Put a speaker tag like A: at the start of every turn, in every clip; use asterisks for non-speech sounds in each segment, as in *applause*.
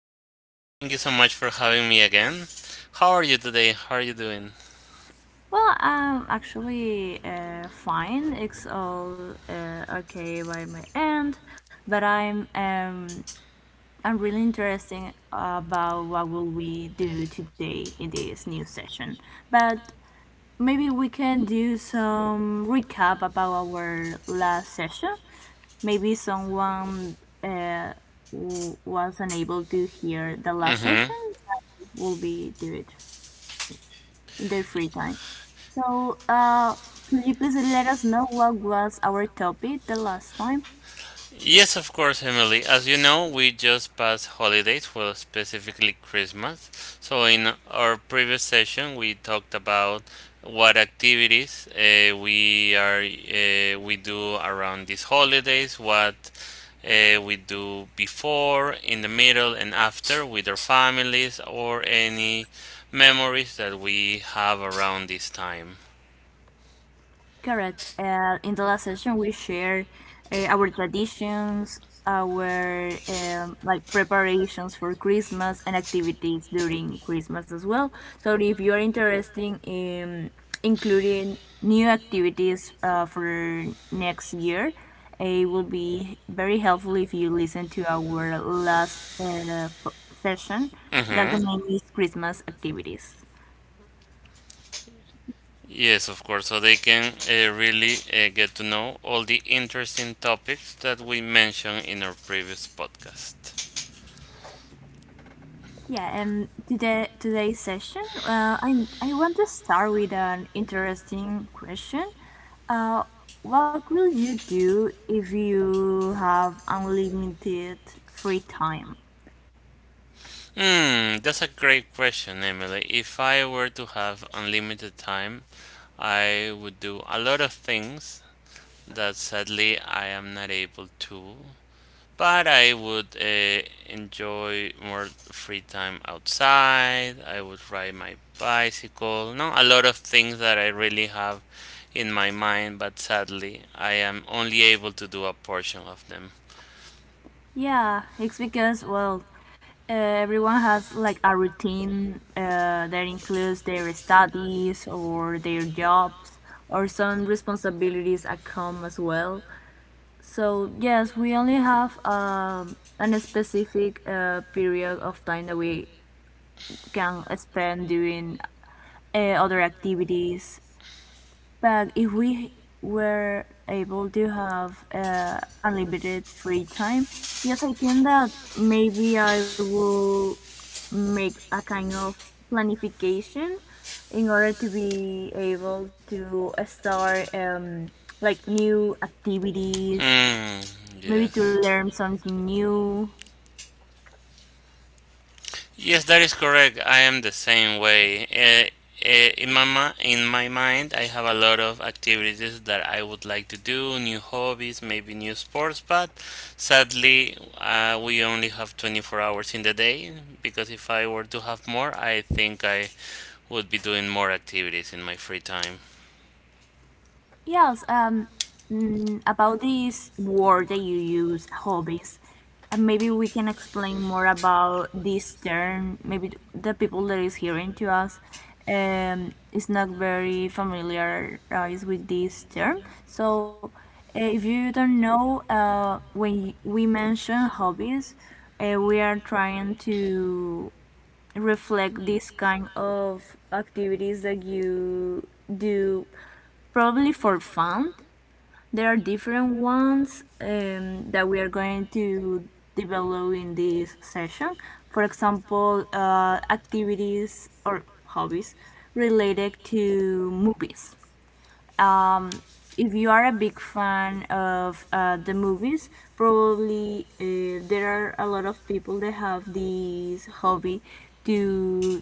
A: Hello, Emily. Thank you so much for having me again. How are you today? How are you doing?
B: Well, I'm actually fine. It's all okay by my end, but I'm really interested about what will we do today in this new session. But maybe we can do some recap about our last session. Maybe someone uh, was unable to hear the last
A: Mm-hmm.
B: session. Will be do it in their free time. So, could you please let us know what was our topic the last time?
A: Yes, of course, Emily. As you know, we just passed holidays, well, specifically Christmas. So, in our previous session, we talked about what activities we do around these holidays, what we do before, in the middle, and after with our families, or any memories that we have around this time.
B: Correct. In the last session, we shared our traditions, our like preparations for Christmas, and activities during Christmas as well. So, if you are interested in including new activities for next year, it will be very helpful if you listen to our last session. That the
A: Mm-hmm.
B: name is Christmas activities.
A: Yes, of course. So they can really get to know all the interesting topics that we mentioned in our previous podcast.
B: Yeah, and today's session, I want to start with an interesting question. Uh, what will you do if you have unlimited free time?
A: That's a great question, Emily. If I were to have unlimited time, I would do a lot of things that sadly I am not able to. But I would enjoy more free time outside. I would ride my bicycle. No, a lot of things that I really have in my mind, but sadly, I am only able to do a portion of them.
B: Yeah, it's because well, everyone has like a routine that includes their studies or their jobs or some responsibilities that come as well. So yes, we only have a specific period of time that we can spend doing other activities. But if we were able to have unlimited free time, yes, I think that maybe I will make a kind of planification in order to be able to start like new activities
A: Hmm,
B: maybe to
A: yes.
B: learn something new.
A: Yes, that is correct. I am the same way. In my mind, I have a lot of activities that I would like to do, new hobbies, maybe new sports, but sadly, we only have 24 hours in the day, because if I were to have more, I think I would be doing more activities in my free time.
B: Yes, about this word that you use, hobbies. Maybe we can explain more about this term. Maybe the people that is hearing to us is not very familiarized with this term. So, if you don't know, when we mention hobbies, we are trying to reflect this kind of activities that you do probably for fun. There are different ones that we are going to develop in this session. For example, activities or hobbies related to movies. Um, if you are a big fan of the movies, probably there are a lot of people that have this hobby to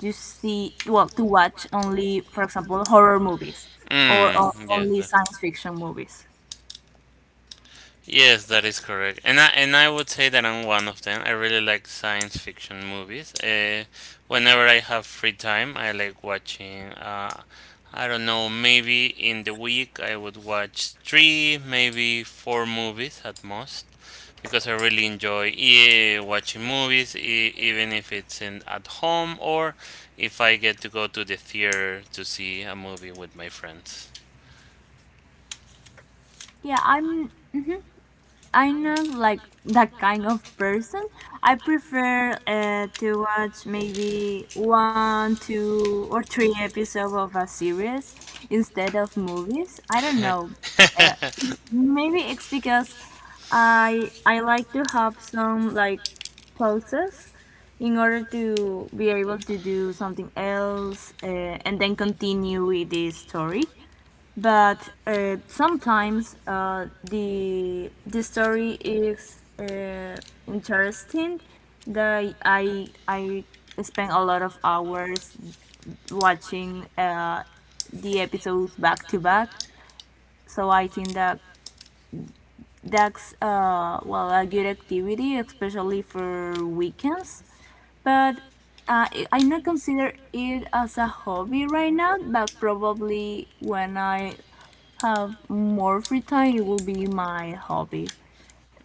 B: you see, well, to watch only, for example, horror movies or
A: Mm, yes.
B: only
A: that-
B: science fiction movies.
A: Yes, that is correct. And I would say that I'm one of them. I really like science fiction movies. Whenever I have free time, I like watching, I don't know, maybe in the week I would watch three, maybe four movies at most, because I really enjoy watching movies, even if it's in, at home, or if I get to go to the theater to see a movie with my friends.
B: Yeah, I'm not like that kind of person. I prefer to watch maybe one, two, or three episodes of a series instead of movies. I don't know. Uh,
A: *laughs*
B: maybe it's because I like to have some like pauses in order to be able to do something else and then continue with the story, but sometimes the story is interesting that I spend a lot of hours watching the episodes back to back. So I think that that's well a good activity especially for weekends, but I not consider it as a hobby right now, but probably when I have more free time, it will be my hobby.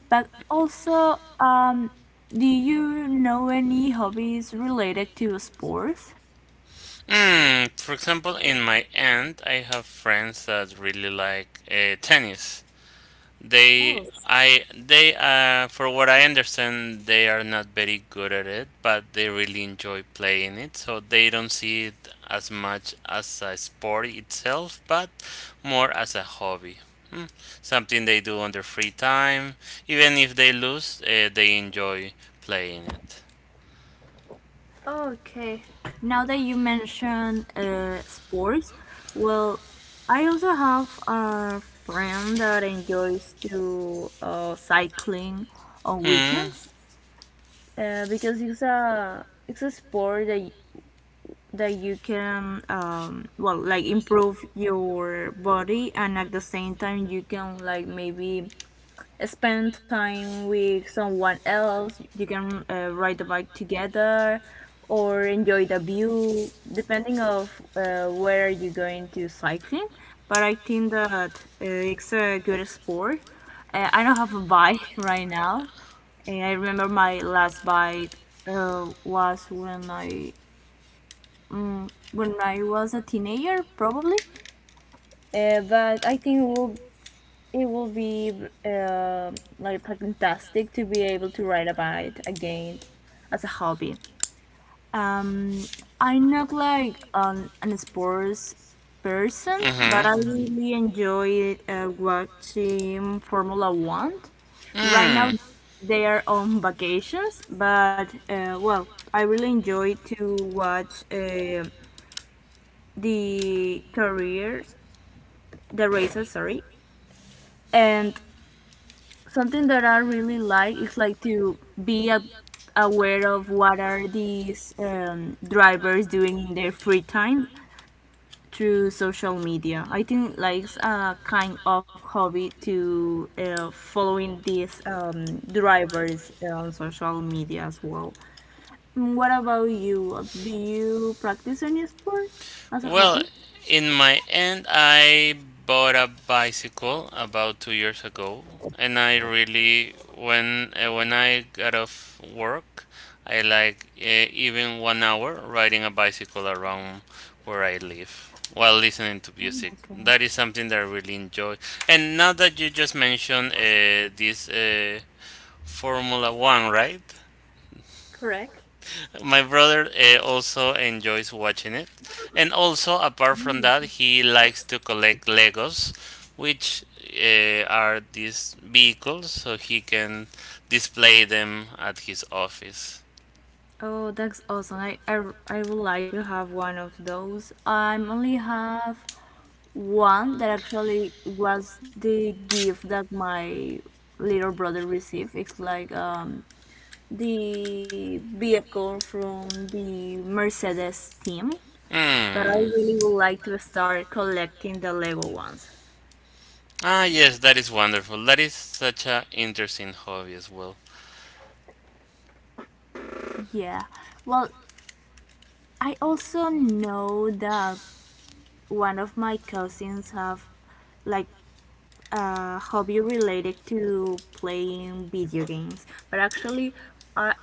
B: But also, do you know any hobbies related to sports?
A: Hmm, for example, in my end, I have friends that really like tennis. They, for what I understand, they are not very good at it, but they really enjoy playing it. So they don't see it as much as a sport itself, but more as a hobby. Hmm, something they do on their free time. Even if they lose, they enjoy playing it.
B: Okay. Now that you mention sports, well, I also have a friend that enjoys to cycling on
A: Hmm.
B: weekends because it's a sport that that you can well like improve your body, and at the same time you can like maybe spend time with someone else. You can ride the bike together or enjoy the view depending of where you're going to cycling, but I think that it's a good sport. I don't have a bike *laughs* right now. I remember my last bike was when I was a teenager, probably. But I think it will, be uh, like fantastic to be able to write about it again as a hobby. Um, I'm not like an sports person, but
A: Mm-hmm.
B: I really enjoy watching Formula One. Right now,
A: Hmm.
B: they are on vacations, but well, I really enjoy to watch the careers the races, sorry. And something that I really like is like to be aware of what are these drivers doing in their free time through social media. I think like it's a kind of hobby to following these drivers on social media as well. What about you? Do you practice any sport as a
A: Well,
B: hobby?
A: in my end, I bought a bicycle about 2 years ago, and I really when I got off work, I like even 1 hour riding a bicycle around where I live while listening to
B: Oh my
A: music.
B: god.
A: That is something that I really enjoy. And now that you just mentioned this Formula One, right?
B: Correct.
A: My brother also enjoys watching it. And also, apart from that, he likes to collect Legos, which are these vehicles, so he can display them at his office.
B: Oh, that's awesome. I would like to have one of those. I only have one that actually was the gift that my little brother received. It's like the vehicle from the Mercedes team. But I
A: Hmm.
B: really would like to start collecting the Lego ones.
A: Ah, yes, that is wonderful. That is such an interesting hobby as well.
B: Yeah. Well, I also know that one of my cousins have like a hobby related to playing video games, but actually, I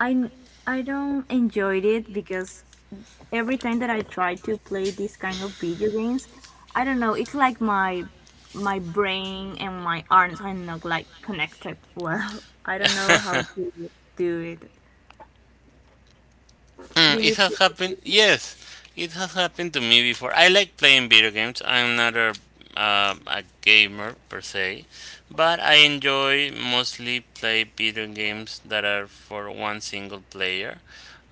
B: I I don't enjoy it because every time that I try to play this kind of video games, I don't know, it's like my brain and my arms are not like connected well. *laughs* I don't know how
A: *laughs*
B: to do it.
A: Mm,
B: Do
A: it
B: you
A: has
B: play?
A: happened. Yes, it has happened to me before. I like playing video games. I'm not a gamer per se, but I enjoy mostly play video games that are for one single player.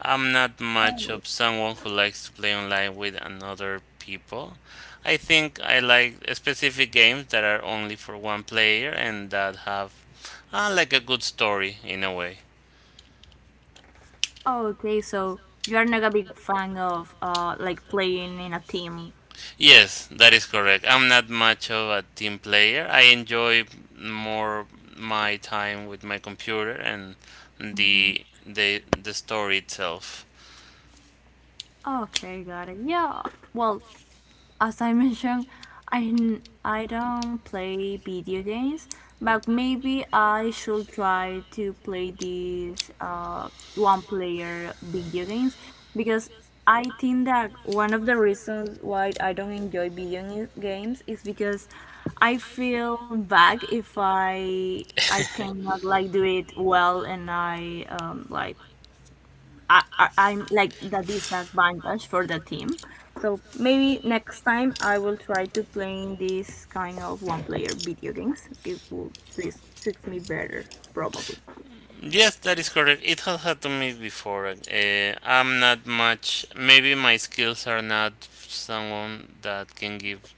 A: I'm not much
B: Oh,
A: of someone who likes to play online with another people. I think I like specific games that are only for one player and that have like a good story in a way.
B: oh okay. So you're not a big fan of like playing in a team.
A: Yes, that is correct. I'm not much of a team player. I enjoy more my time with my computer and the story itself.
B: Okay, got it. Yeah. Well, as I mentioned, I don't play video games, but maybe I should try to play these one-player video games because I think that one of the reasons why I don't enjoy video games is because I feel bad if I cannot like do it well, and I'm like the disadvantage for the team. So maybe next time I will try to playing this kind of one player video games. It will fix me better probably.
A: Yes, that is correct. It has happened to me before. I'm not much. Maybe my skills are not someone that can give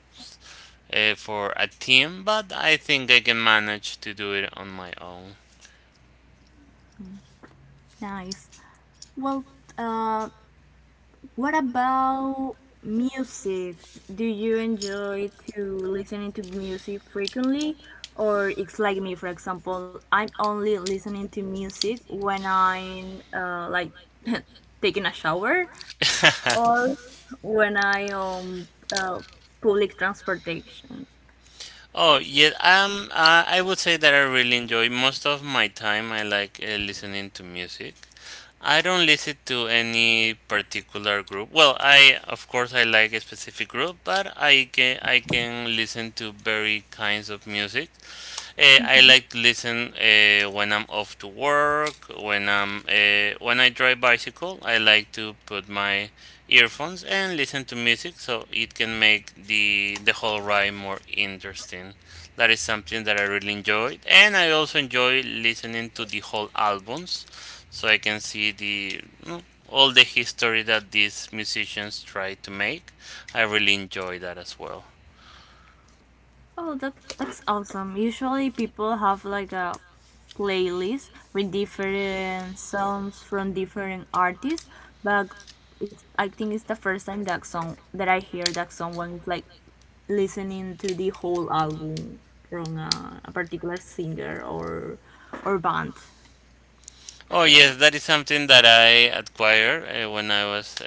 A: for a team, but I think I can manage to do it on my own.
B: Nice. Well, uh, what about music? Do you enjoy to listening to music frequently? Or it's like me, for example, I'm only listening to music when I'm like *laughs* taking a shower
A: *laughs*
B: or when I uh, public transportation.
A: Oh yeah, I would say that I really enjoy most of my time. I like listening to music. I don't listen to any particular group. Well, I of course I like a specific group, but I can listen to very kinds of music. I
B: Mhm.
A: like to listen when I'm off to work, when I'm when I drive bicycle. I like to put my earphones and listen to music, so it can make the whole ride more interesting. That is something that I really enjoyed, and I also enjoy listening to the whole albums, so I can see the all the history that these musicians try to make. I really enjoy that as well.
B: Oh, that's awesome. Usually people have like a playlist with different songs from different artists, but I think it's the first time that song that I hear that someone is like listening to the whole album from a, particular singer or band.
A: Oh yes, that is something that I acquired when I was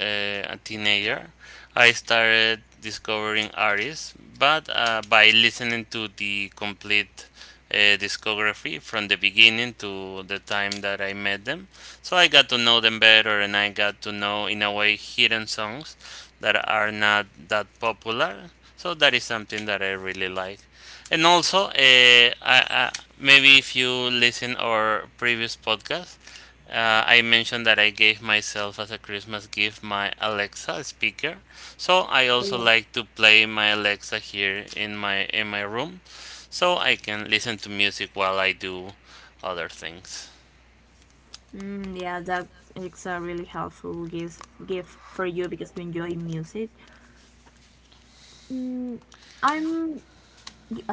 A: a teenager. I started discovering artists, but by listening to the complete discography from the beginning to the time that I met them. So I got to know them better, and I got to know, in a way, hidden songs that are not that popular. So that is something that I really like. And also, maybe if you listen our previous podcast, I mentioned that I gave myself as a Christmas gift my Alexa speaker. So I
B: Oh,
A: also
B: yeah.
A: like to play my Alexa here in my room, so I can listen to music while I do other things.
B: Mm, yeah, that it's a really helpful gift for you because you enjoy music. Mm, I'm,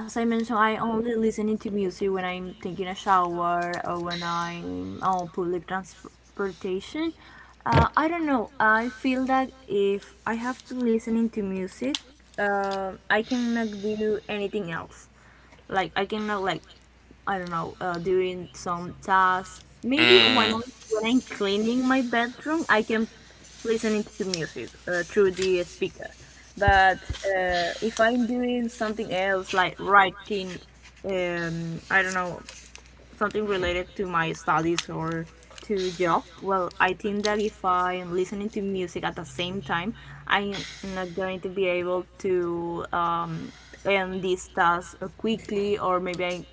B: as I mentioned, I only listening to music when I'm taking a shower or when I'm on public transportation. I don't know. I feel that if I have to listening to music, I cannot do anything else. Like I cannot, like, I don't know, doing some tasks. Maybe when
A: Mm.
B: I when I'm cleaning my bedroom, I can listening to music through the speaker. But if I'm doing something else like writing, I don't know, something related to my studies or to job. Well, I think that if I'm listening to music at the same time, I'm not going to be able to end this task quickly, or maybe I,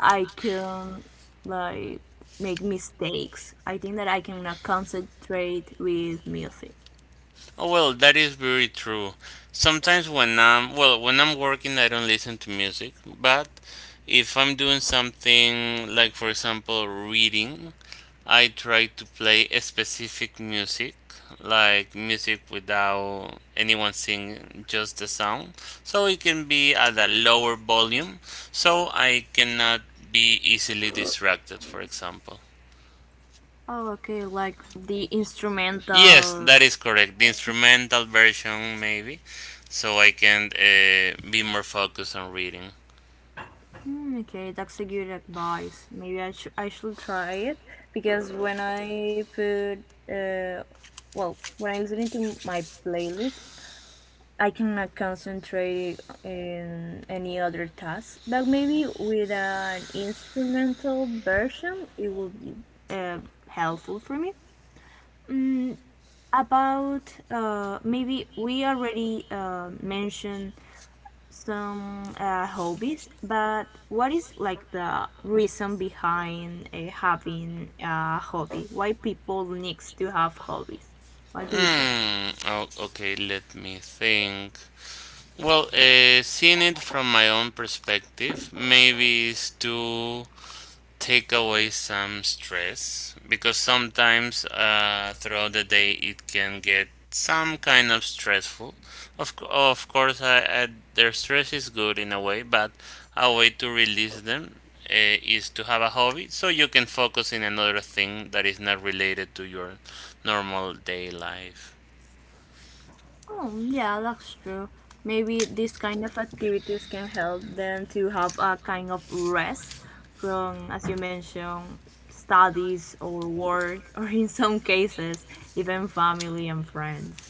B: I can like make mistakes. I think that I cannot concentrate with music.
A: Oh well, that is very true. Sometimes when when I'm working, I don't listen to music. But if I'm doing something like, for example, reading, I try to play a specific music, like music without anyone singing, just the sound. So it can be at a lower volume, so I cannot be easily distracted, for example.
B: Oh, okay, like the
A: Yes,
B: instrumental.
A: that is correct. The instrumental version, maybe, so I can be more focused on reading.
B: Mm, okay, that's a good advice. Maybe I should try it because when I uh, well, when I listen to my playlist, I cannot concentrate in any other task. But maybe with an instrumental version, it will be uh, helpful for me. About maybe we already mentioned some hobbies, but what is like the reason behind having a hobby? Why people needs to have hobbies? What do you think?
A: Okay, let me think. Well, seeing it from my own perspective, maybe it's too take away some stress because sometimes throughout the day it can get some kind of stressful. Of course, their stress is good in a way, but a way to release them is to have a hobby so you can focus in another thing that is not related to your normal day life. *laughs*
B: Oh, yeah, that's true. Maybe this kind of activities can help them to have a kind of rest from, as you mentioned, studies or work, *laughs* or in some cases, even family and friends.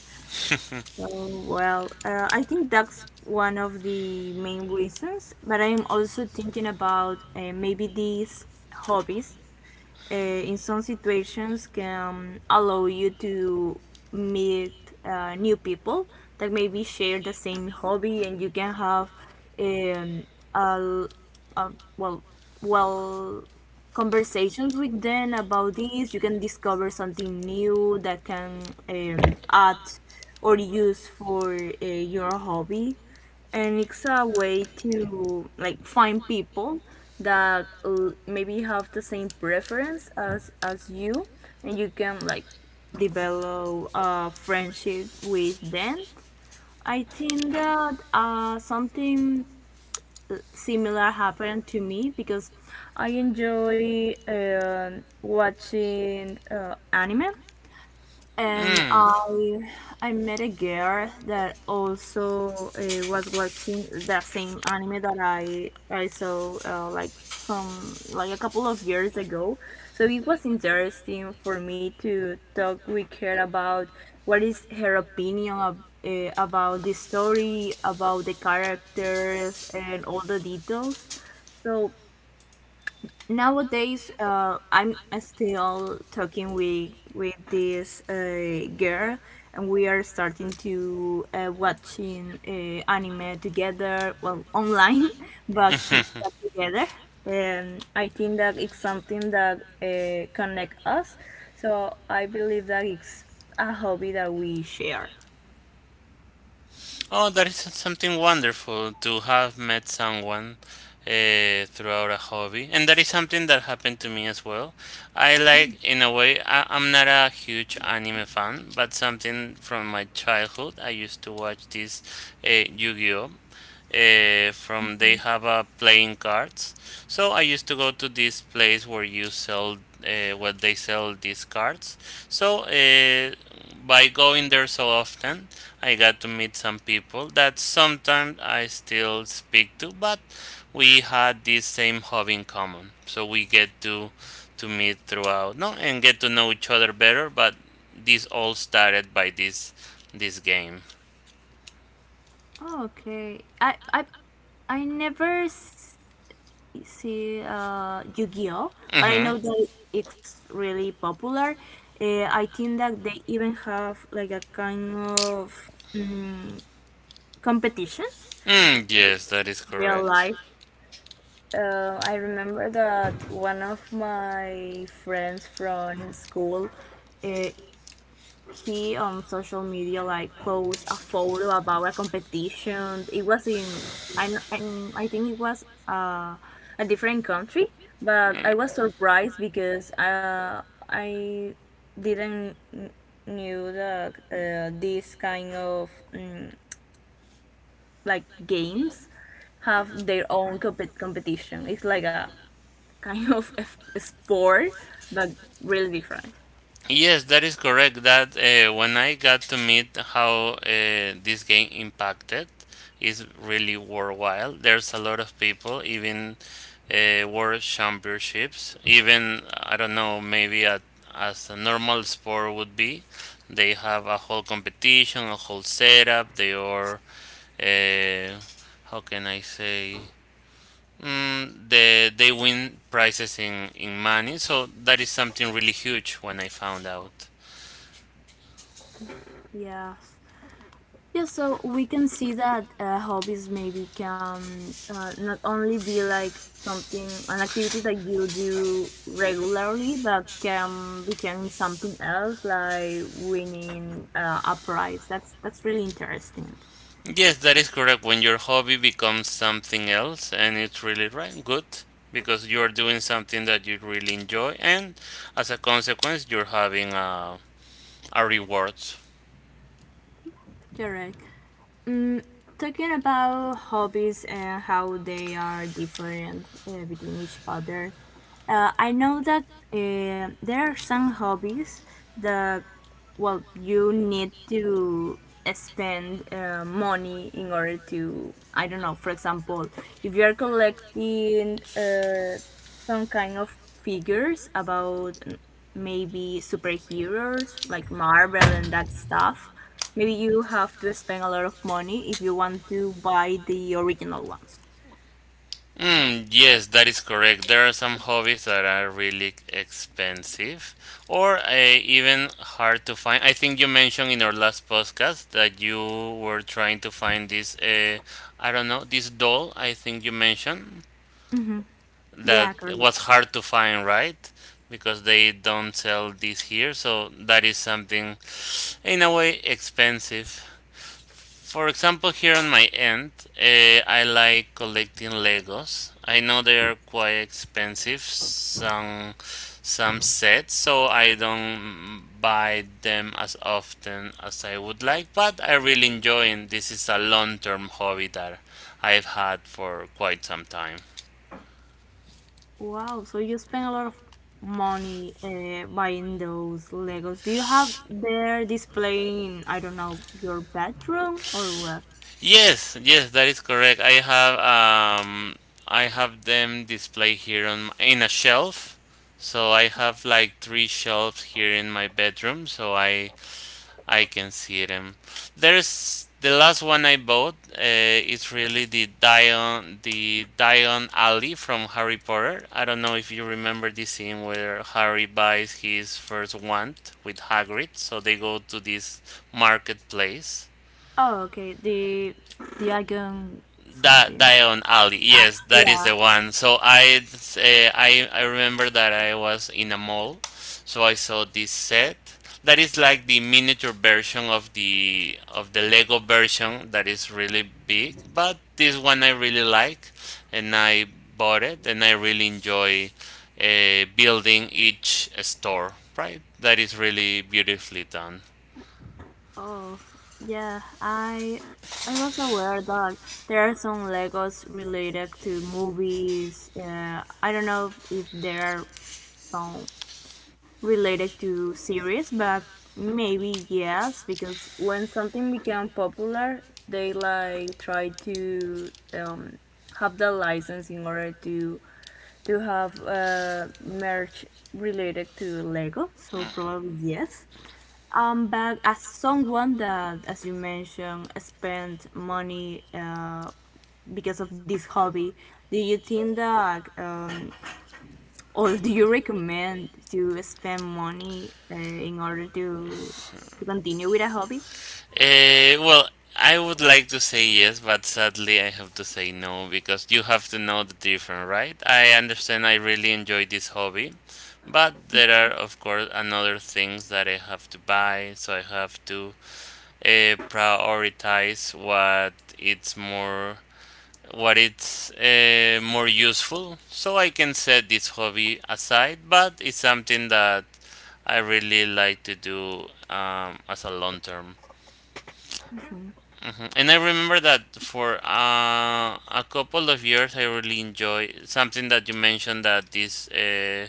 B: Oh, well, I think that's one of the main reasons, but I'm also thinking about maybe these hobbies in some situations can allow you to meet new people that maybe share the same hobby, and you can have um, a, l- a well, well conversations with them about this. You can discover something new that can add or use for your hobby, and it's a way to like find people that maybe have the same preference as you, and you can like develop a friendship with them. I think that something similar happened to me because I enjoy watching anime, and
A: Mm.
B: I met a girl that also was watching the same anime that I saw like some like a couple of years ago. So it was interesting for me to talk with her about what is her opinion of, about the story, about the characters, and all the details. So nowadays I'm still talking with this girl, and we are starting to watching anime together, well, online *laughs* but t-
A: *laughs*
B: but together. And I think that it's something that connect us, so I believe that it's a hobby that we share.
A: Oh, that is something wonderful to have met someone throughout a hobby. And that is something that happened to me as well. I like, in a way, I, I'm not a huge anime fan, but something from my childhood. I used to watch this Yu Gi Oh! From they have playing cards. So I used to go to this place where you sell where they sell these cards. So by going there so often, I got to meet some people that sometimes I still speak to, but we had this same hobby in common. So we get to meet throughout, no, and get to know each other better. But this all started by this game.
B: Okay, I never see Yu-Gi-Oh, but I
A: Mm-hmm.
B: know that it's really popular. I think that they even have like a kind of competition,
A: Mm, yes, that is
B: real
A: correct.
B: life. I remember that one of my friends from school, uh, he on social media like post a photo about a competition. It was in, I think it was a different country, but
A: Mm,
B: I was surprised because I didn't knew that this kind of, like, games have their own competition. It's like a kind of *laughs* a sport, but really different.
A: yes, that is correct. That when I got to meet how this game impacted is really worthwhile. There's a lot of people, even world championships, even I don't know, maybe at, as a normal sport would be. They have a whole competition, a whole setup. They are, uh, how can I say? They win prizes in money, so that is something really huge when I found out.
B: Yeah. Yeah, so we can see that hobbies maybe can, not only be like something, an activity that you do regularly, but can become something else, like winning a prize. That's really interesting.
A: Yes, that is correct. When your hobby becomes something else, and it's really right, good because you are doing something that you really enjoy, and as a consequence, you're having a reward.
B: Correct. Mm, Talking about hobbies and how they are different between each other, I know that there are some hobbies that, well, you need to spend money in order to, I don't know, for example, if you're collecting some kind of figures about maybe superheroes like Marvel and that stuff. Maybe you have to spend a lot of money if you want to buy the original ones.
A: Mm, yes, that is correct. There are some hobbies that are really expensive or even hard to find. I think you mentioned in our last podcast that you were trying to find this, I don't know, this doll, I think you mentioned, that
B: Yeah, correct.
A: was hard to find, right? Because they don't sell this here, so that is something in a way expensive. For example, here on my end, I like collecting Legos. I know they are quite expensive, some sets, so I don't buy them as often as I would like, but I really enjoy it. This is a long-term hobby that I've had for quite some time.
B: Wow, so you spend a lot of money buying those Legos. Do you have their displaying in, I don't know, your bedroom or what?
A: Yes, yes, that is correct. I have them displayed here on in a shelf. So I have like 3 shelves here in my bedroom, so I can see them. There's the last one I bought. It's really the Dion Alley from Harry Potter. I don't know if you remember the scene where Harry buys his first wand with Hagrid. So they go to this marketplace.
B: Oh, okay. The icon,
A: That
B: something.
A: Diagon Alley.
B: Ah,
A: Yes, that is
B: yeah.
A: the one. So I remember that I was in a mall, so I saw this set. That is like the miniature version of the Lego version that is really big, but this one I really like, and I bought it, and I really enjoy building each store. Right, that is really beautifully done.
B: Oh, yeah, I was aware that there are some Legos related to movies. I don't know if there are some related to series, but maybe yes, because when something become popular, they like try to have the license in order to have merch related to Lego. So probably yes. But as someone that, as you mentioned, spent money because of this hobby, do you think that, or do you recommend to spend money in order to continue with a hobby?
A: Well, I would like to say yes, but sadly I have to say no because you have to know the difference, right? I understand I really enjoy this hobby, but there are, of course, another things that I have to buy, so I have to prioritize what it's more what it's more useful so I can set this hobby aside, but it's something that I really like to do as a long term. Mhm. And I remember that for a couple of years, I really enjoy something that you mentioned, that these uh,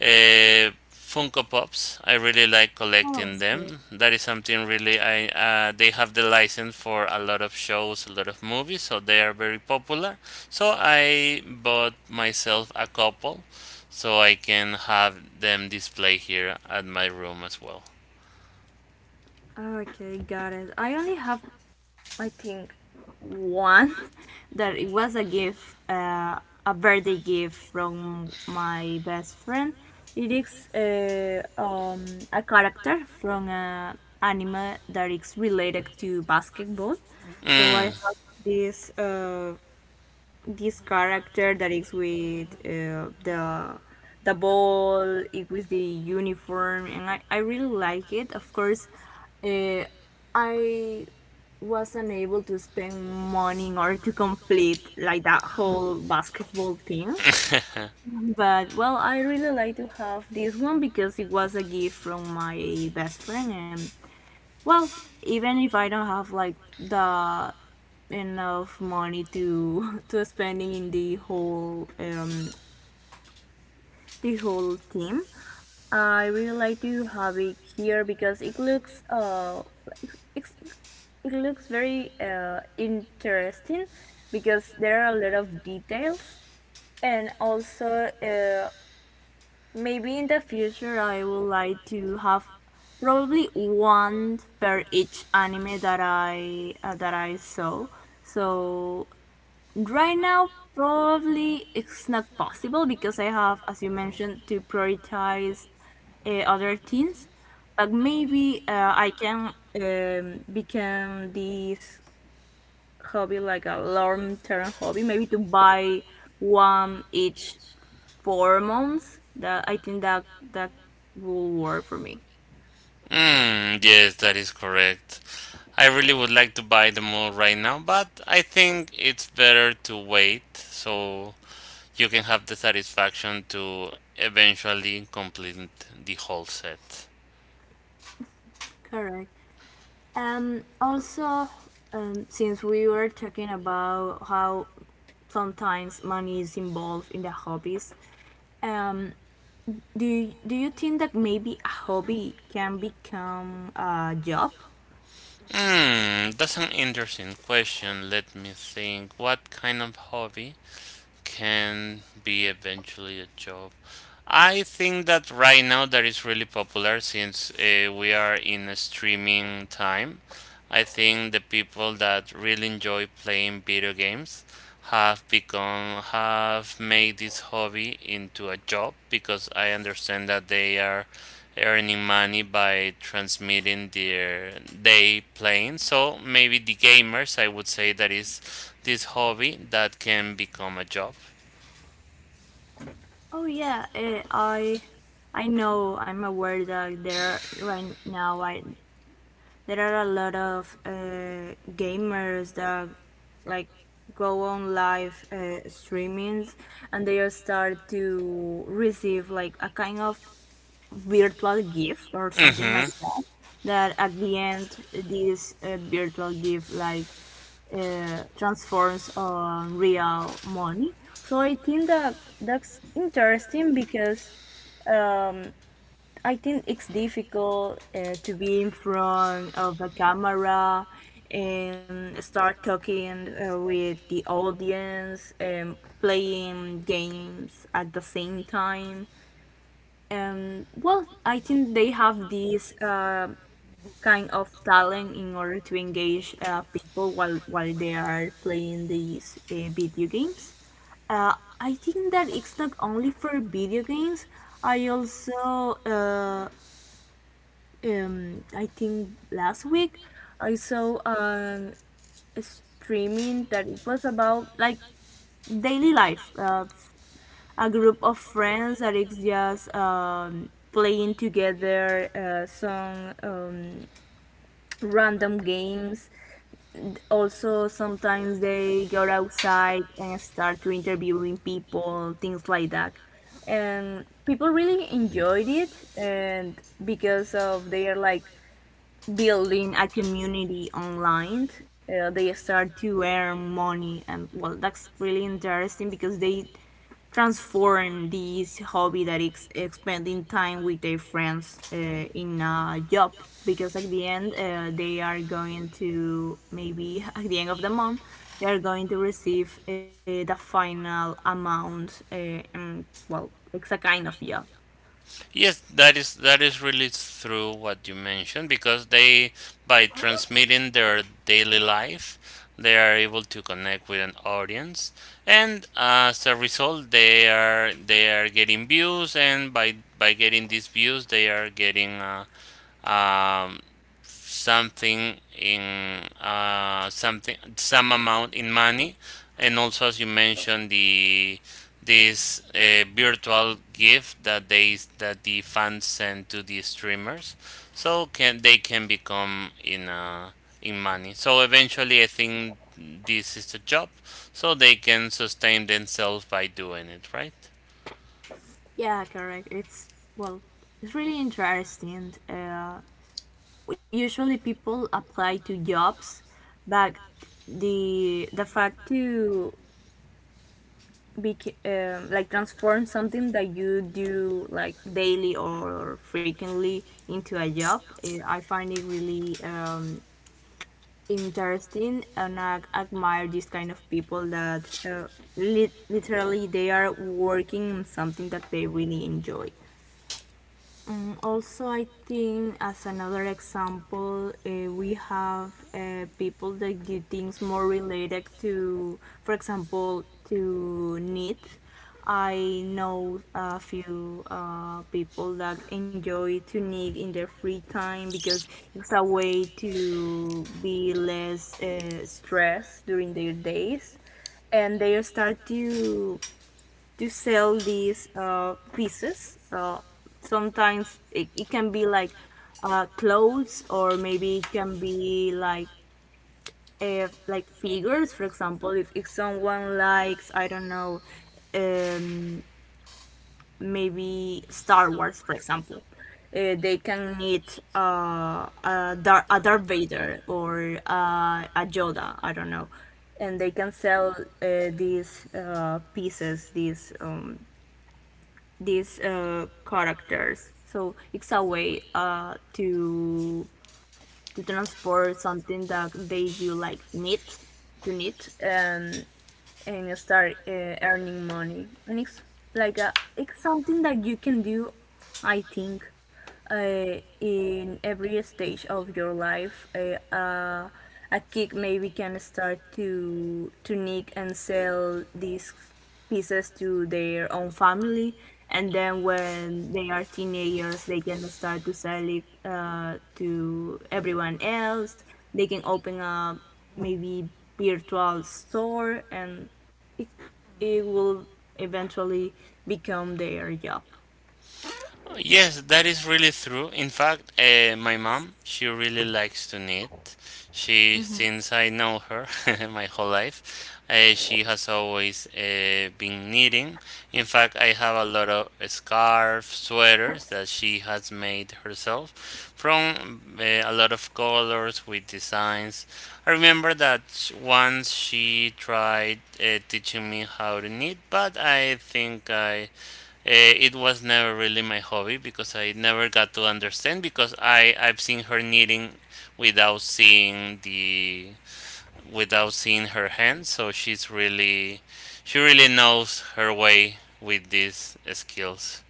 A: uh, Funko Pops. I really like collecting them. That is something really I they have the license for a lot of shows, a lot of movies, so they are very popular. So I bought myself a couple, so I can have them display here at my room as well.
B: Okay, got it. I only have, I think, one *laughs* that it was a gift, a birthday gift from my best friend. It is a character from an anime that is related to basketball. So I
A: Mm.
B: have this. This character that is with, the ball, it with the uniform, and I really like it, of course. Uh, i was not able to spend money in order to complete like that whole basketball team,
A: *laughs*
B: but, well, I really like to have this one because it was a gift from my best friend, and, well, even if I don't have like the enough money to *laughs* to spending in the whole, the whole team, I really like to have it here because it's, it looks very interesting, because there are a lot of details. And also, maybe in the future I would like to have probably one per each anime that I saw. So right now probably it's not possible because I have, as you mentioned, to prioritize other things. But maybe I can, become this hobby like a long term hobby. Maybe to buy one each 4 months, that I think that that will work for me.
A: Mm, yes, that is correct. I really would like to buy the mole right now, but I think it's better to wait so you can have the satisfaction to eventually complete the whole set.
B: Correct. Also, since we were talking about how sometimes money is involved in the hobbies, um, do you think that maybe a hobby can become a job?
A: Hmm, that's an interesting question. Let me think. What kind of hobby can be eventually a job? I think that right now that is really popular since we are in a streaming time. I think the people that really enjoy playing video games have made this hobby into a job because I understand that they are earning money by transmitting their day playing. So maybe the gamers, I would say, that is this hobby that can become a job.
B: Oh, yeah, I know, I'm aware that right now, I there are a lot of gamers that, like, go on live streamings, and they all start to receive like a kind of virtual gift or something like
A: Mm-hmm.
B: that, that at the end this virtual gift like transforms on real money. So I think that that's interesting, because I think it's difficult to be in front of a camera and start talking with the audience and playing games at the same time. Well, I think they have this kind of talent in order to engage people while they are playing these video games. I think that it's not only for video games. I also, I think last week I saw a streaming that it was about like daily life, a group of friends that is just playing together, some, random games, also sometimes they go outside and start to interviewing people, things like that. And people really enjoyed it, and because of they are like building a community online. They start to earn money, and, well, that's really interesting because they transform this hobby that is spending time with their friends in a job. Because at the end, they are going to, maybe at the end of the month, they are going to receive the final amount. And, well, it's a kind of job.
A: Yes, that is really true what you mentioned, because they, by transmitting their daily life, they are able to connect with an audience, and as a result, they are getting views, and by getting these views, they are getting um, something in something, some amount in money, and also, as you mentioned, the this virtual gift that they that the fans send to the streamers, so can they can become in money. So eventually, I think this is the job, so they can sustain themselves by doing it, right?
B: Yeah, correct. It's Well, it's really interesting. Usually people apply to jobs, but the fact to be, like, transform something that you do like daily or frequently into a job, I find it really, interesting, and I admire these kind of people that literally they are working on something that they really enjoy. Also, I think, as another example, we have people that do things more related to, for example, to knit. I know a few people that enjoy to knit in their free time because it's a way to be less stressed during their days, and they start to sell these pieces. Sometimes it can be like clothes, or maybe it can be like, if like figures, for example, if someone likes, I don't know, um, maybe Star Wars, for example, they can need a Darth Vader or a Yoda, I don't know, and they can sell these pieces, these characters. So it's a way, to transfer something that they do like need to need, and start earning money. And it's like it's something that you can do, I think, in every stage of your life. A kid maybe can start to nick and sell these pieces to their own family, and then when they are teenagers they can start to sell it to everyone else, they can open a, maybe, virtual store, and it, it will eventually become their job.
A: Oh, yes, that is really true. In fact, my mom, she really likes to knit. She, since I know her, *laughs* my whole life, she has always been knitting. In fact, I have a lot of scarves, sweaters that she has made herself from a lot of colors with designs. I remember that once she tried teaching me how to knit, but I think I it was never really my hobby because I never got to understand, because I've seen her knitting without seeing the, without seeing her hands, so she's really, she really knows her way with these skills.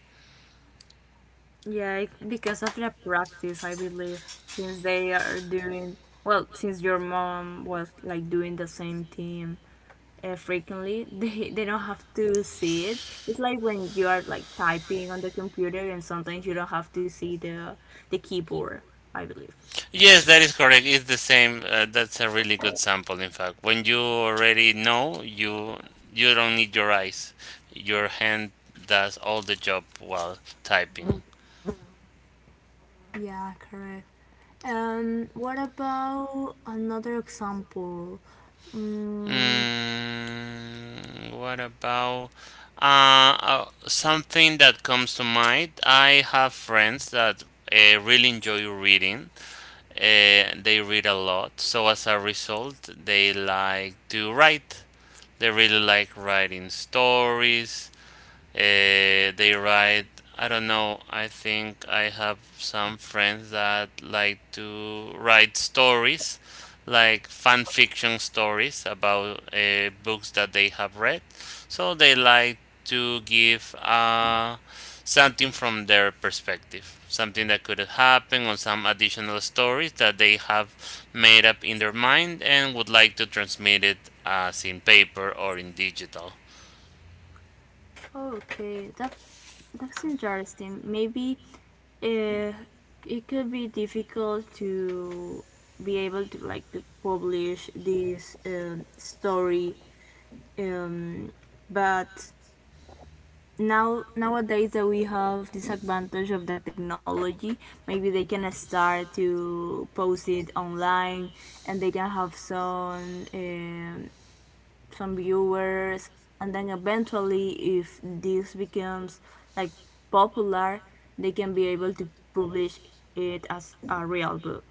B: Yeah, because of the practice, I believe, since they are doing, well, since your mom was like doing the same thing frequently, *laughs* they don't have to see it. It's like when you are like typing on the computer and sometimes you don't have to see the keyboard, I believe.
A: Yes, that is correct. It's the same. That's a really good sample, in fact. When you already know, you don't need your eyes. Your hand does all the job while typing.
B: Yeah, correct. And what about another example? Mm,
A: Mm, what about uh, something that comes to mind? I have friends that really enjoy reading. They read a lot, so as a result, they like to write. They really like writing stories. They write. I don't know. I think I have some friends that like to write stories, like fan fiction stories about books that they have read. So they like to give something from their perspective, something that could happen, or some additional stories that they have made up in their mind and would like to transmit it as in paper or in digital.
B: okay, that's interesting. Maybe uh, it could be difficult to be able to, like, to publish this, story, um, but nowadays that we have this advantage of the technology, maybe they can start to post it online, and they can have some viewers, and then eventually if this becomes, like, popular, they can be able to publish it as a real book.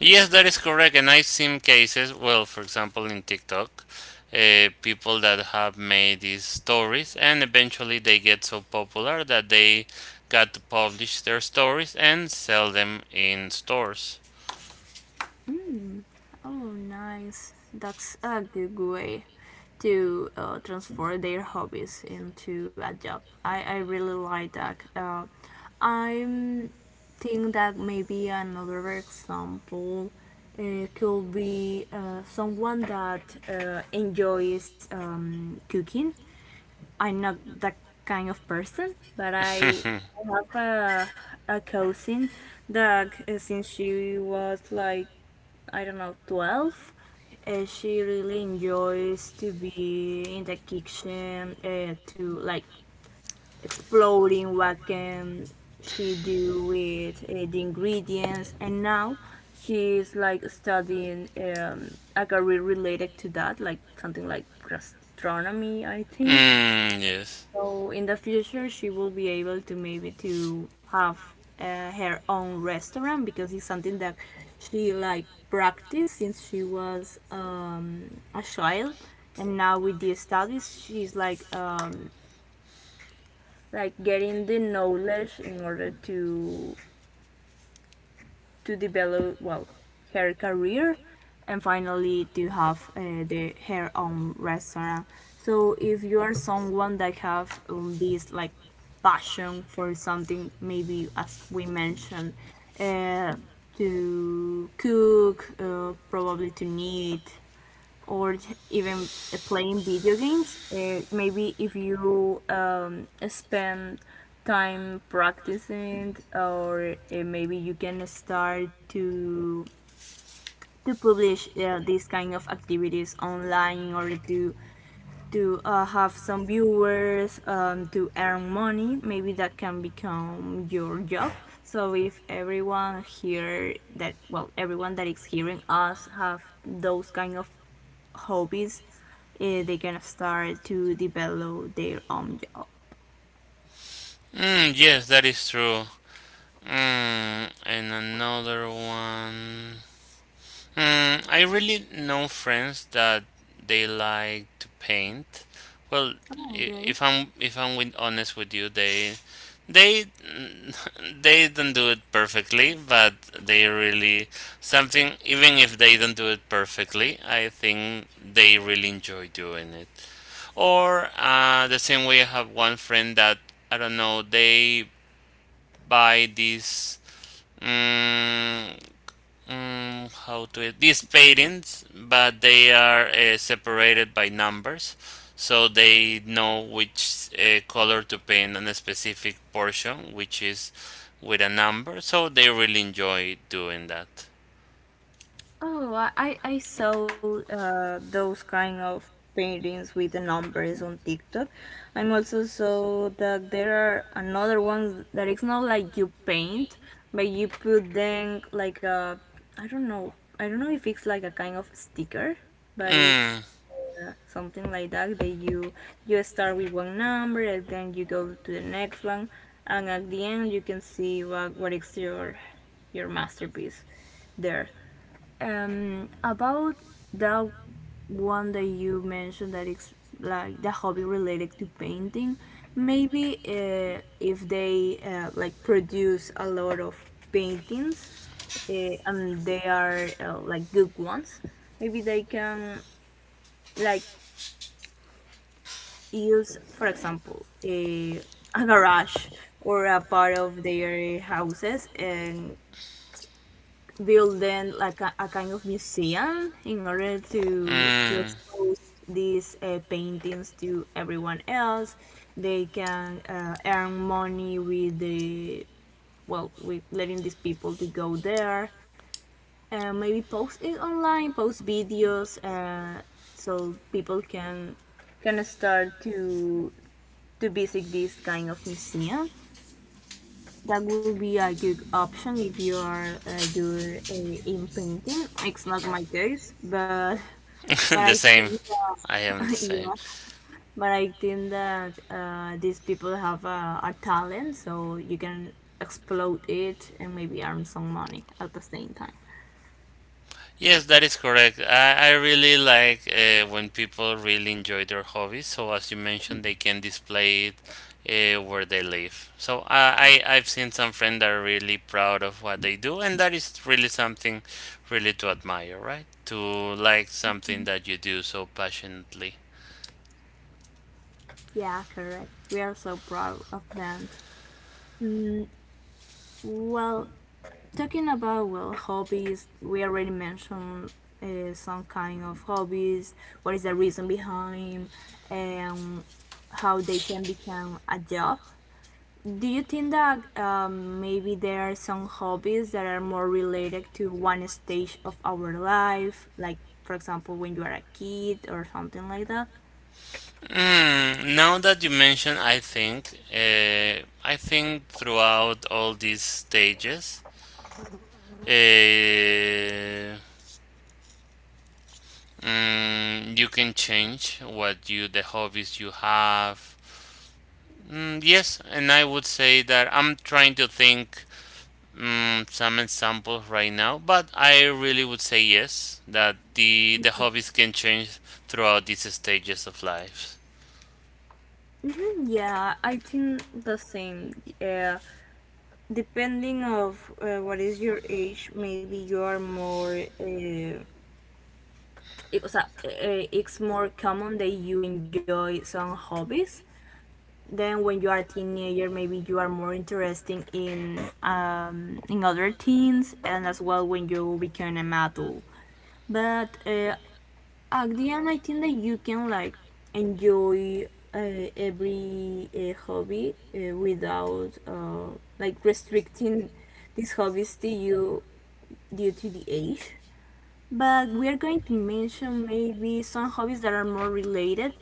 A: Yes, that is correct. And I've seen cases, well, for example, in TikTok, people that have made these stories and eventually they get so popular that they got to publish their stories and sell them in stores.
B: Oh, nice. That's a good way to transform their hobbies into a job. I really like that. I'm think that maybe another example could be someone that enjoys, cooking. I'm not that kind of person, but I
A: *laughs*
B: have a cousin that, since she was like, I don't know, 12. She really enjoys to be in the kitchen, to like exploring what can she do with the ingredients. And now she's like studying, like, a career related to that, like something like gastronomy, I think.
A: Mm, yes.
B: So in the future, she will be able to maybe to have her own restaurant, because it's something that she like practiced since she was, a child, and now with the studies, she's like, like getting the knowledge in order to develop, well, her career, and finally to have the her own restaurant. So if you are someone that have, this like passion for something, maybe as we mentioned, uh, to cook, probably to knit, or even playing video games. Maybe if you spend time practicing, or maybe you can start to publish these kind of activities online or to have some viewers to earn money, maybe that can become your job. So if everyone here that, well, everyone that is hearing us have those kind of hobbies, they can start to develop their own job.
A: Mm, yes, that is true. Mm, and another one. Hmm, I really know friends that they like to paint. Well,
B: Oh, okay.
A: if I'm, if I'm, with honest with you, they, they *laughs* they don't do it perfectly, but they really something. Even if they don't do it perfectly, I think they really enjoy doing it. Or the same way, I have one friend that I don't know. They buy these. Mm, how to these paintings, but they are separated by numbers, so they know which color to paint on a specific portion, which is with a number. So they really enjoy doing that.
B: Oh, I saw those kind of paintings with the numbers on TikTok. I'm also saw that there are another ones that it's not like you paint, but you put them like a, I don't know, I don't know if it's like a kind of sticker, but it's
A: Mm,
B: something like that, that you start with one number and then you go to the next one, and at the end you can see what is your masterpiece there. About that one that you mentioned, that it's like the hobby related to painting, maybe if they like produce a lot of paintings uh, and they are like good ones, maybe they can, like, use, for example, a garage or a part of their houses and building like a kind of museum in order to
A: mm,
B: expose these paintings to everyone else. They can earn money with the, well, with letting these people to go there and maybe post it online, post videos, so people can start to visit this kind of museum. That would be a good option if you are good in painting. It's not my case,
A: *laughs*
B: but I
A: the same.
B: think that
A: I am the
B: *laughs*
A: same.
B: yeah, but I think that these people have a talent, so you can explode it and maybe earn some money at the same time.
A: Yes, that is correct. I really like when people really enjoy their hobbies. So, as you mentioned, they can display it where they live. So, I've seen some friends that are really proud of what they do, and that is really something really to admire, right? To like something that you do so passionately.
B: Yeah, correct. We are so proud of them. Mm, well, talking about, well, hobbies, we already mentioned some kind of hobbies. What is the reason behind, and how they can become a job? Do you think that maybe there are some hobbies that are more related to one stage of our life, like for example when you are a kid or something like that?
A: Mm, now that you mention, I think throughout all these stages, uh, you can change what you the hobbies you have. Mm, yes, and I would say that I'm trying to think some examples right now, but I really would say yes, that the hobbies can change throughout these stages of life.
B: Hmm, yeah, I think the same. Yeah, depending of what is your age, maybe you are more, o sea, it's more common that you enjoy some hobbies. Then when you are a teenager, maybe you are more interested in other teens, and as well when you become an adult. But at the end, I think that you can, like, enjoy every hobby without, like restricting these hobbies to you due to the age, but we are going to mention maybe some hobbies that are more related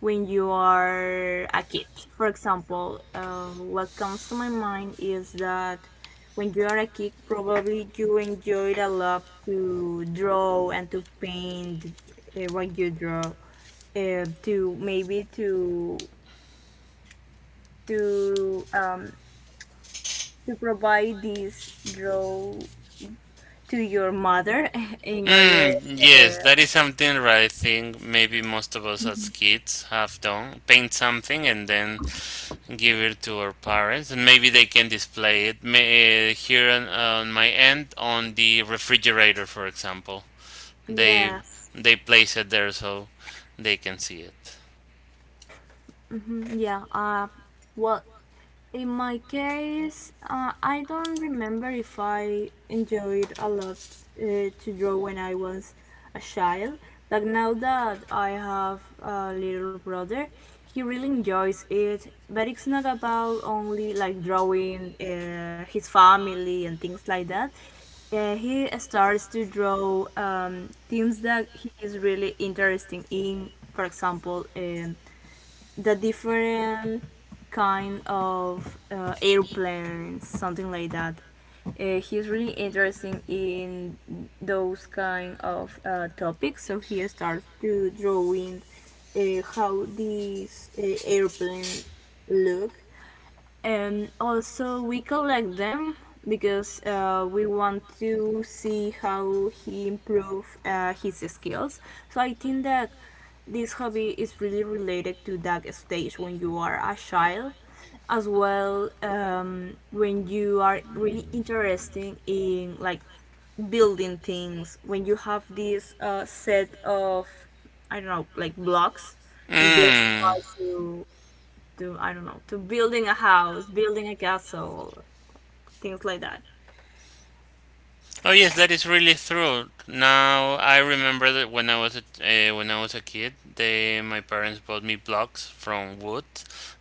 B: when you are a kid. For example, what comes to my mind is that when you are a kid, probably you enjoyed a lot to draw and to paint what you draw, to maybe to um, to provide this draw to your mother *laughs* in order
A: Mm, yes,
B: uh,
A: that is something that I think maybe most of us as kids have done. Paint something and then give it to our parents and maybe they can display it, may, here on my end, on the refrigerator for example, they
B: yeah,
A: they place it there so they can see it.
B: yeah. Well, in my case, I don't remember if I enjoyed a lot to draw when I was a child. Like, now that I have a little brother, he really enjoys it. But it's not about only like drawing his family and things like that. He starts to draw things that he is really interesting in. For example, the different kind of airplanes, something like that. He's really interested in those kind of topics, so he starts to drawing how these airplane look, and also we collect them because we want to see how he improve his skills. So I think that this hobby is really related to that stage when you are a child, as well when you are really interested in, like, building things when you have this set of, I don't know, like blocks, and you
A: Mm.
B: start to I don't know, to building a house, building a castle, things like that.
A: Oh yes, that is really true. Now I remember that when I was a kid, they, my parents bought me blocks from wood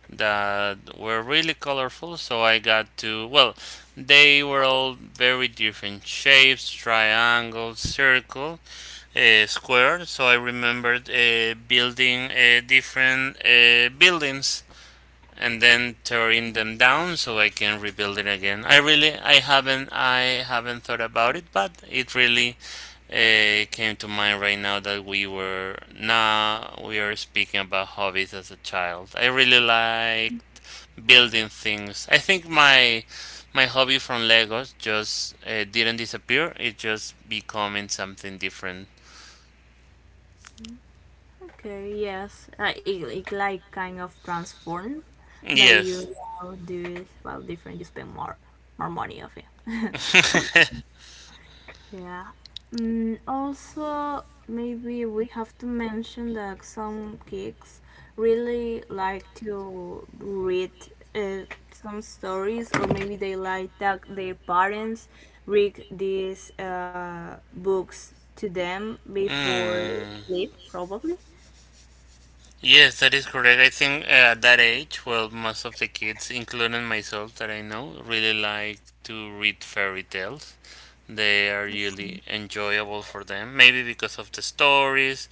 A: that were really colorful. So I got to, well, they were all very different shapes: triangle, circle, square. So I remembered building different buildings and then tearing them down so I can rebuild it again. I really, I haven't thought about it, but it really came to mind right now that we were now we are speaking about hobbies as a child. I really like building things. I think my hobby from Legos just didn't disappear. It just becoming something different.
B: Okay, yes, it, it like kind of transformed, but you
A: Yes.
B: now do it, well, different. You spend more more money of it.
A: *laughs*
B: Yeah. Mm, also, maybe we have to mention that some geeks really like to read uh, some stories, or maybe they like that their parents read these books to them before
A: Hmm.
B: sleep, probably.
A: Yes, that is correct. I think at that age, well, most of the kids, including myself that I know, really like to read fairy tales. They are really enjoyable for them. Maybe because of the stories,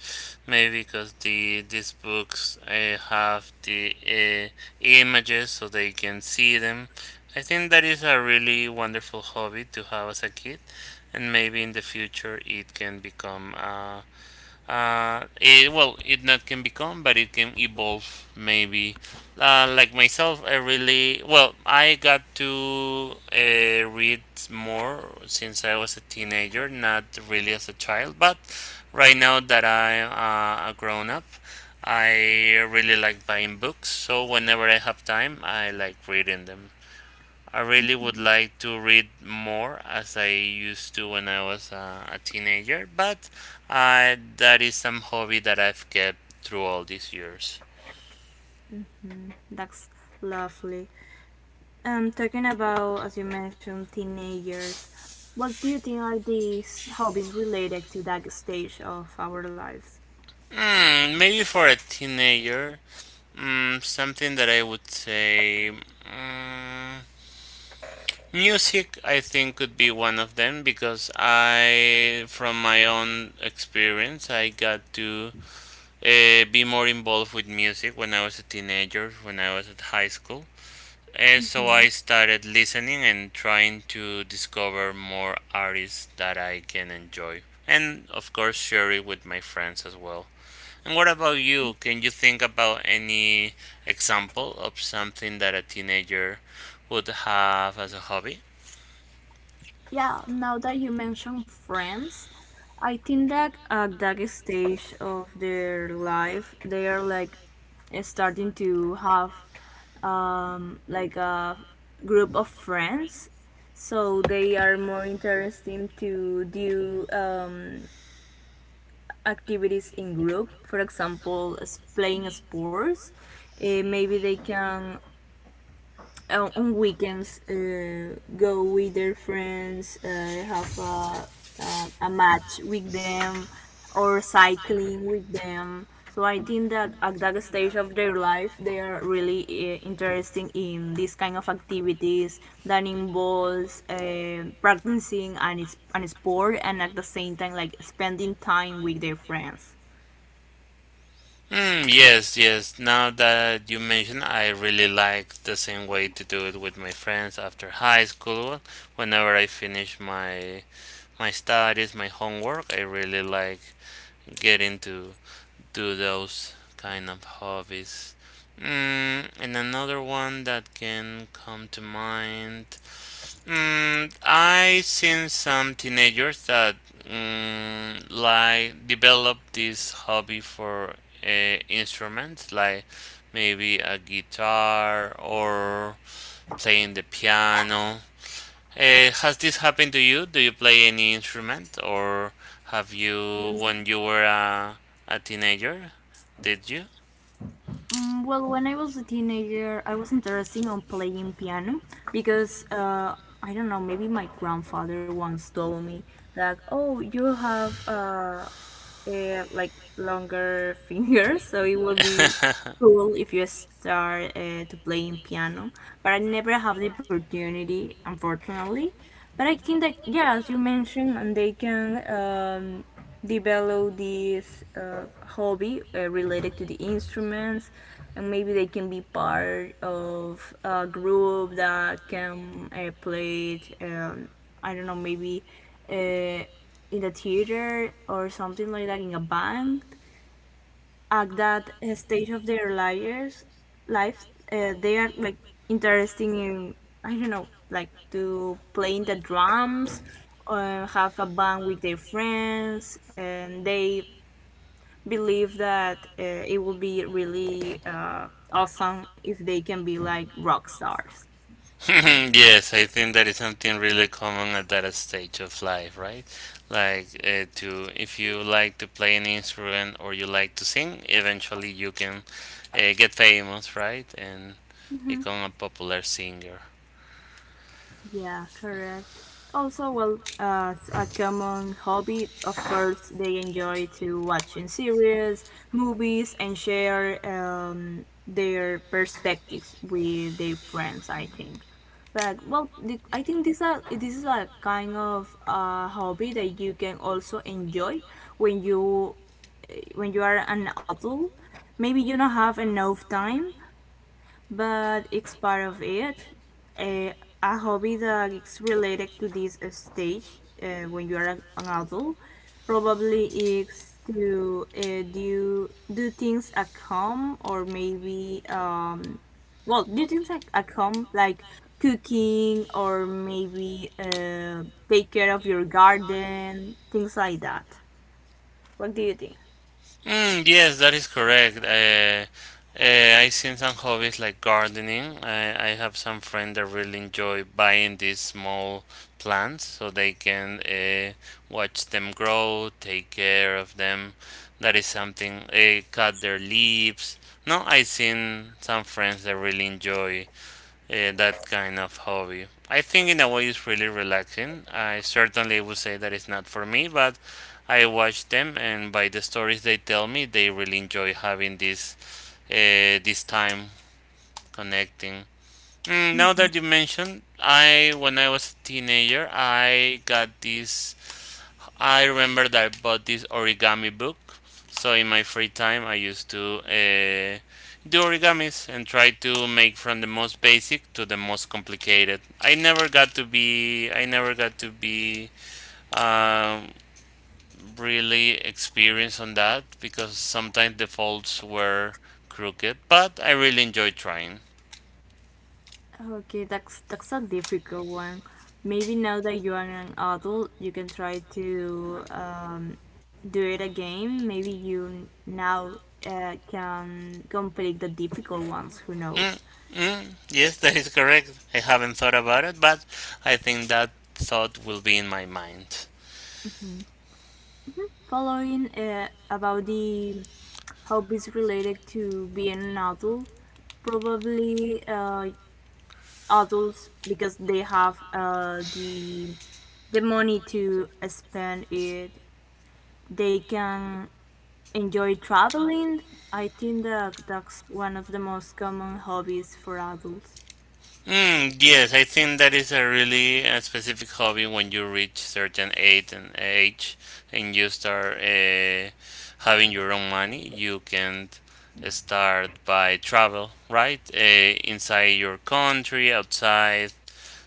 A: maybe because these books have the images so they can see them. I think that is a really wonderful hobby to have as a kid, and maybe in the future it can become. Well, it not can become but it can evolve, maybe, like myself. I really, well, I got to read more since I was a teenager, not really as a child, but right now that I, a grown up, I really like buying books, so whenever I have time I like reading them. I really would like to read more as I used to when I was a teenager, but that is some hobby that I've kept through all these years.
B: That's lovely. Talking about, as you mentioned, teenagers, what do you think are these hobbies related to that stage of our lives?
A: Mm, maybe for a teenager, something that I would say. Mm, music, I think, could be one of them because I, from my own experience, I got to be more involved with music when I was a teenager, when I was at high school. So I started listening and trying to discover more artists that I can enjoy. And of course, share it with my friends as well. And what about you? Can you think about any example of something that a teenager would have as a hobby?
B: Yeah, now that you mention friends, I think that at that stage of their life, they are, like, starting to have like a group of friends. So they are more interesting to do activities in group. For example, playing sports. Maybe they can on weekends go with their friends have a match with them or cycling with them. So I think that at that stage of their life they are really interested in this kind of activities that involves practicing an, an sport, and at the same time like spending time with their friends.
A: Mm, yes, yes. Now that you mention I really like the same way to do it with my friends after high school. Whenever I finish my studies, my homework, I really like get into do those kind of hobbies. Mm, and another one that can come to mind. Mm, I seen some teenagers that like develop this hobby for uh, instruments, like maybe a guitar or playing the piano. Has this happened to you? Do you play any instrument, or have you, when you were a teenager, did you?
B: Mm, well, when I was a teenager, I was interested on playing piano because I don't know, maybe my grandfather once told me that, oh, you have, like longer *laughs* fingers, so it will be
A: *laughs*
B: cool if you start to playing piano. But I never have the opportunity, unfortunately. But I think that, yeah, as you mentioned, and they can develop this hobby related to the instruments, and maybe they can be part of a group that can play it. I don't know, maybe. Uh, in the theater or something like that, in a band at that stage of their lives they are, like, interesting in, I don't know, like to playing the drums or have a band with their friends, and they believe that it would be really awesome if they can be like rock stars.
A: Yes, I think that is something really common at that stage of life, right? Like to, if you like to play an instrument or you like to sing, eventually you can get famous, right, and become a popular singer.
B: Yeah, correct. Also, well, a common hobby, of course, they enjoy to watching series, movies, and share their perspectives with their friends. I think, like, well, the, I think this is a kind of hobby that you can also enjoy when you when you are an adult. Maybe you don't have enough time, but it's part of it. A, a hobby that is related to this stage when you are an adult probably is to do do things at home, or maybe um, well, do things at home like cooking or maybe take care of your garden, things like that. What do you think?
A: Mm, yes, that is correct. I seen some hobbies like gardening. I have some friends that really enjoy buying these small plants so they can watch them grow, take care of them. That is something. Cut their leaves. No, I seen some friends that really enjoy and that kind of hobby. I think in a way it's really relaxing. I certainly would say that it's not for me, but I watch them, and by the stories they tell me, they really enjoy having this time connecting. Mm, now that you mentioned, I when I was a teenager, I got this I remember that I bought this origami book. So in my free time, I used to do origamis and try to make from the most basic to the most complicated. I never got to be um, really experienced on that because sometimes the folds were crooked. But I really enjoyed trying.
B: Okay, that's a difficult one. Maybe now that you are an adult, you can try to do it again. Maybe you now can complete the difficult ones. Who
A: Mm,
B: knows?
A: mm, yes, *laughs* that is correct. I haven't thought about it, but I think that thought will be in my mind.
B: Following about the hobbies related to being an adult, probably adults because they have the money to spend it. They can enjoy traveling? I think that that's one of the most common hobbies for adults.
A: Mm, yes, I think that is a really specific hobby when you reach certain age and you start having your own money. You can start by travel, right? Inside your country, outside.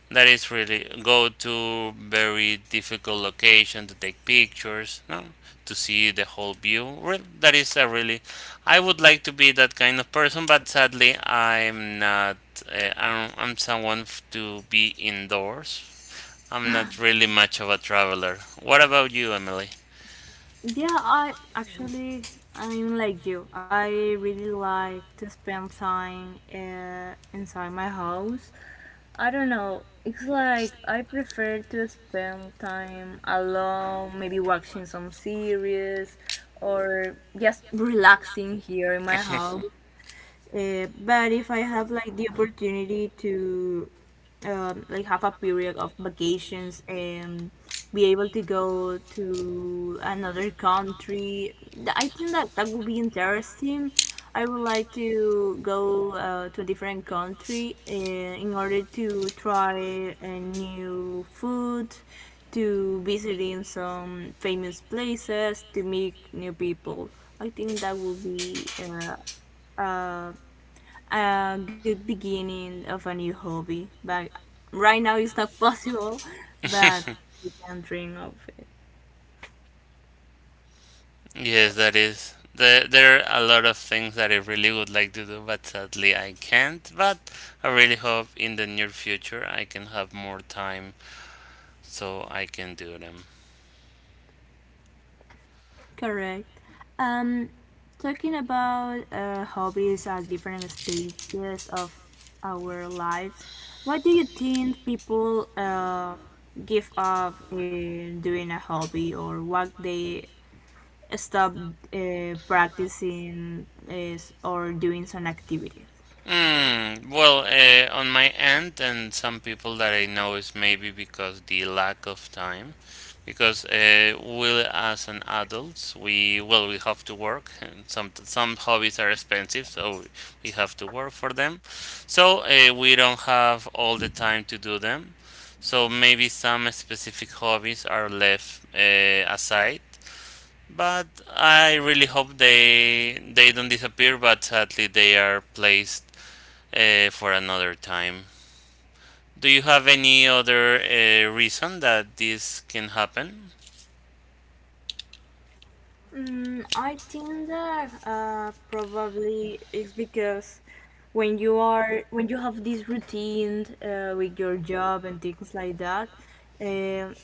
A: That is really go to very difficult location to take pictures, no? To see the whole view. Well, that is a really I would like to be that kind of person, but sadly, I'm not. I'm someone to be indoors. I'm not really much of a traveler. What about you, Emily?
B: Yeah, I actually, I'm like you. I really like to spend time inside my house. I don't know. It's like I prefer to spend time alone, maybe watching some series or just relaxing here in my house.
A: *laughs*
B: But if I have, like, the opportunity to like have a period of vacations and be able to go to another country, I think that that would be interesting. I would like to go to a different country in order to try a new food, to visiting some famous places, to meet new people. I think that would be, uh, a good beginning of a new hobby, but right now it's not *laughs* possible, but we can dream of it.
A: Yes, that is. There are a lot of things that I really would like to do, but sadly I can't. But I really hope in the near future I can have more time so I can do them.
B: Correct. Um, Talking about hobbies at different stages of our lives, what do you think people give up in doing a hobby, or what they stop practicing is, or doing some activities?
A: Hmm. Well, on my end, and some people that I know is maybe because the lack of time, because we as an adults, we have to work, and some hobbies are expensive, so we have to work for them. So we don't have all the time to do them. So maybe some specific hobbies are left aside. But I really hope they don't disappear, but sadly they are placed for another time. Do you have any other reason that this can happen?
B: Mm, I think that probably it's because when you are, when you have this routine with your job and things like that, um,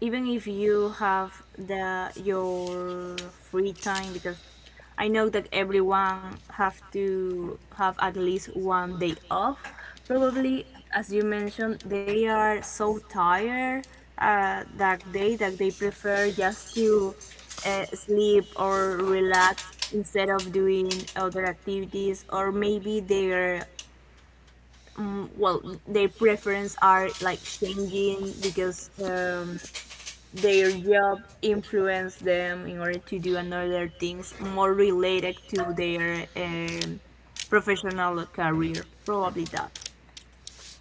B: even if you have the your free time because I know that everyone have to have at least one day off. Probably, as you mentioned, they are so tired that day, that they prefer just to sleep or relax instead of doing other activities. Or maybe their mm, well, their preference are like changing because. Their job influence them in order to do another things more related to their professional career probably that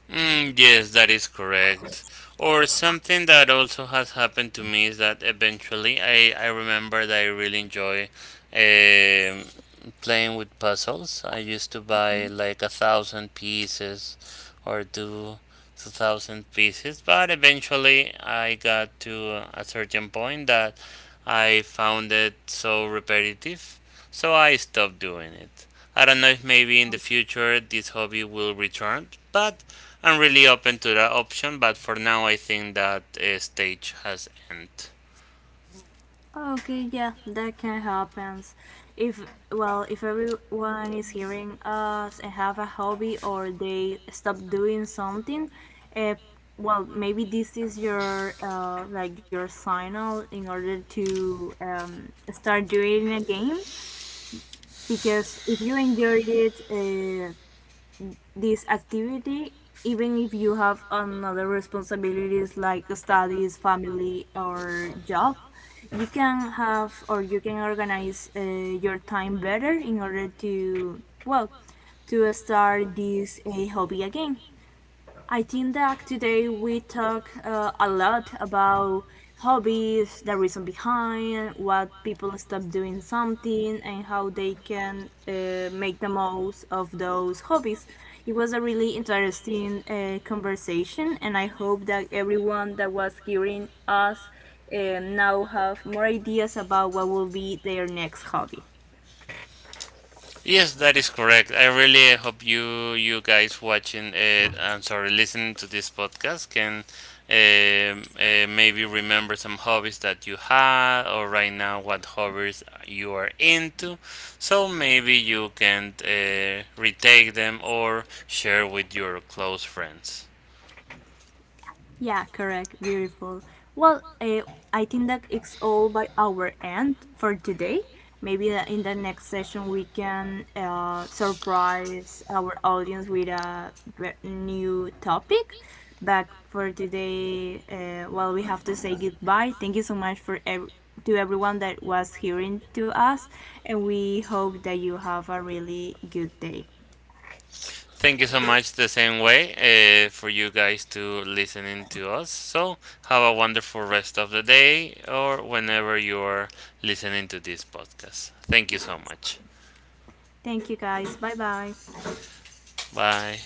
A: Mm, yes, that is correct. Or something that also has happened to me is that eventually I remember that I really enjoy um playing with puzzles. I used to buy like 1,000 pieces or two 2,000 pieces, but eventually I got to a certain point that I found it so repetitive, so I stopped doing it. I don't know if maybe in the future this hobby will return, but I'm really open to that option. But for now, I think that stage has ended.
B: okay yeah that can happen if, well, if everyone is hearing us and have a hobby or they stop doing something, uh, well, maybe this is your like your signal in order to start doing a game, because if you enjoyed it this activity, even if you have another responsibilities like studies, family, or job, you can have, or you can organize your time better in order to, well, to start this a hobby again. I think that today we talk a lot about hobbies, the reason behind, what people stop doing something, and how they can make the most of those hobbies. It was a really interesting conversation, and I hope that everyone that was hearing us now have more ideas about what will be their next hobby.
A: Yes, that is correct. I really hope you guys watching I'm sorry listening to this podcast can maybe remember some hobbies that you had or right now what hobbies you are into. So maybe you can retake them or share with your close friends.
B: Yeah, correct. Beautiful. Well, I think that it's all by our end for today. Maybe in the next session we can surprise our audience with a new topic. But for today, well, we have to say goodbye. Thank you so much for to everyone that was hearing to us, and we hope that you have a really good day.
A: Thank you so much the same way for you guys to listening to us. So have a wonderful rest of the day or whenever you're listening to this podcast. Thank you so much.
B: Thank you, guys. Bye bye.
A: Bye.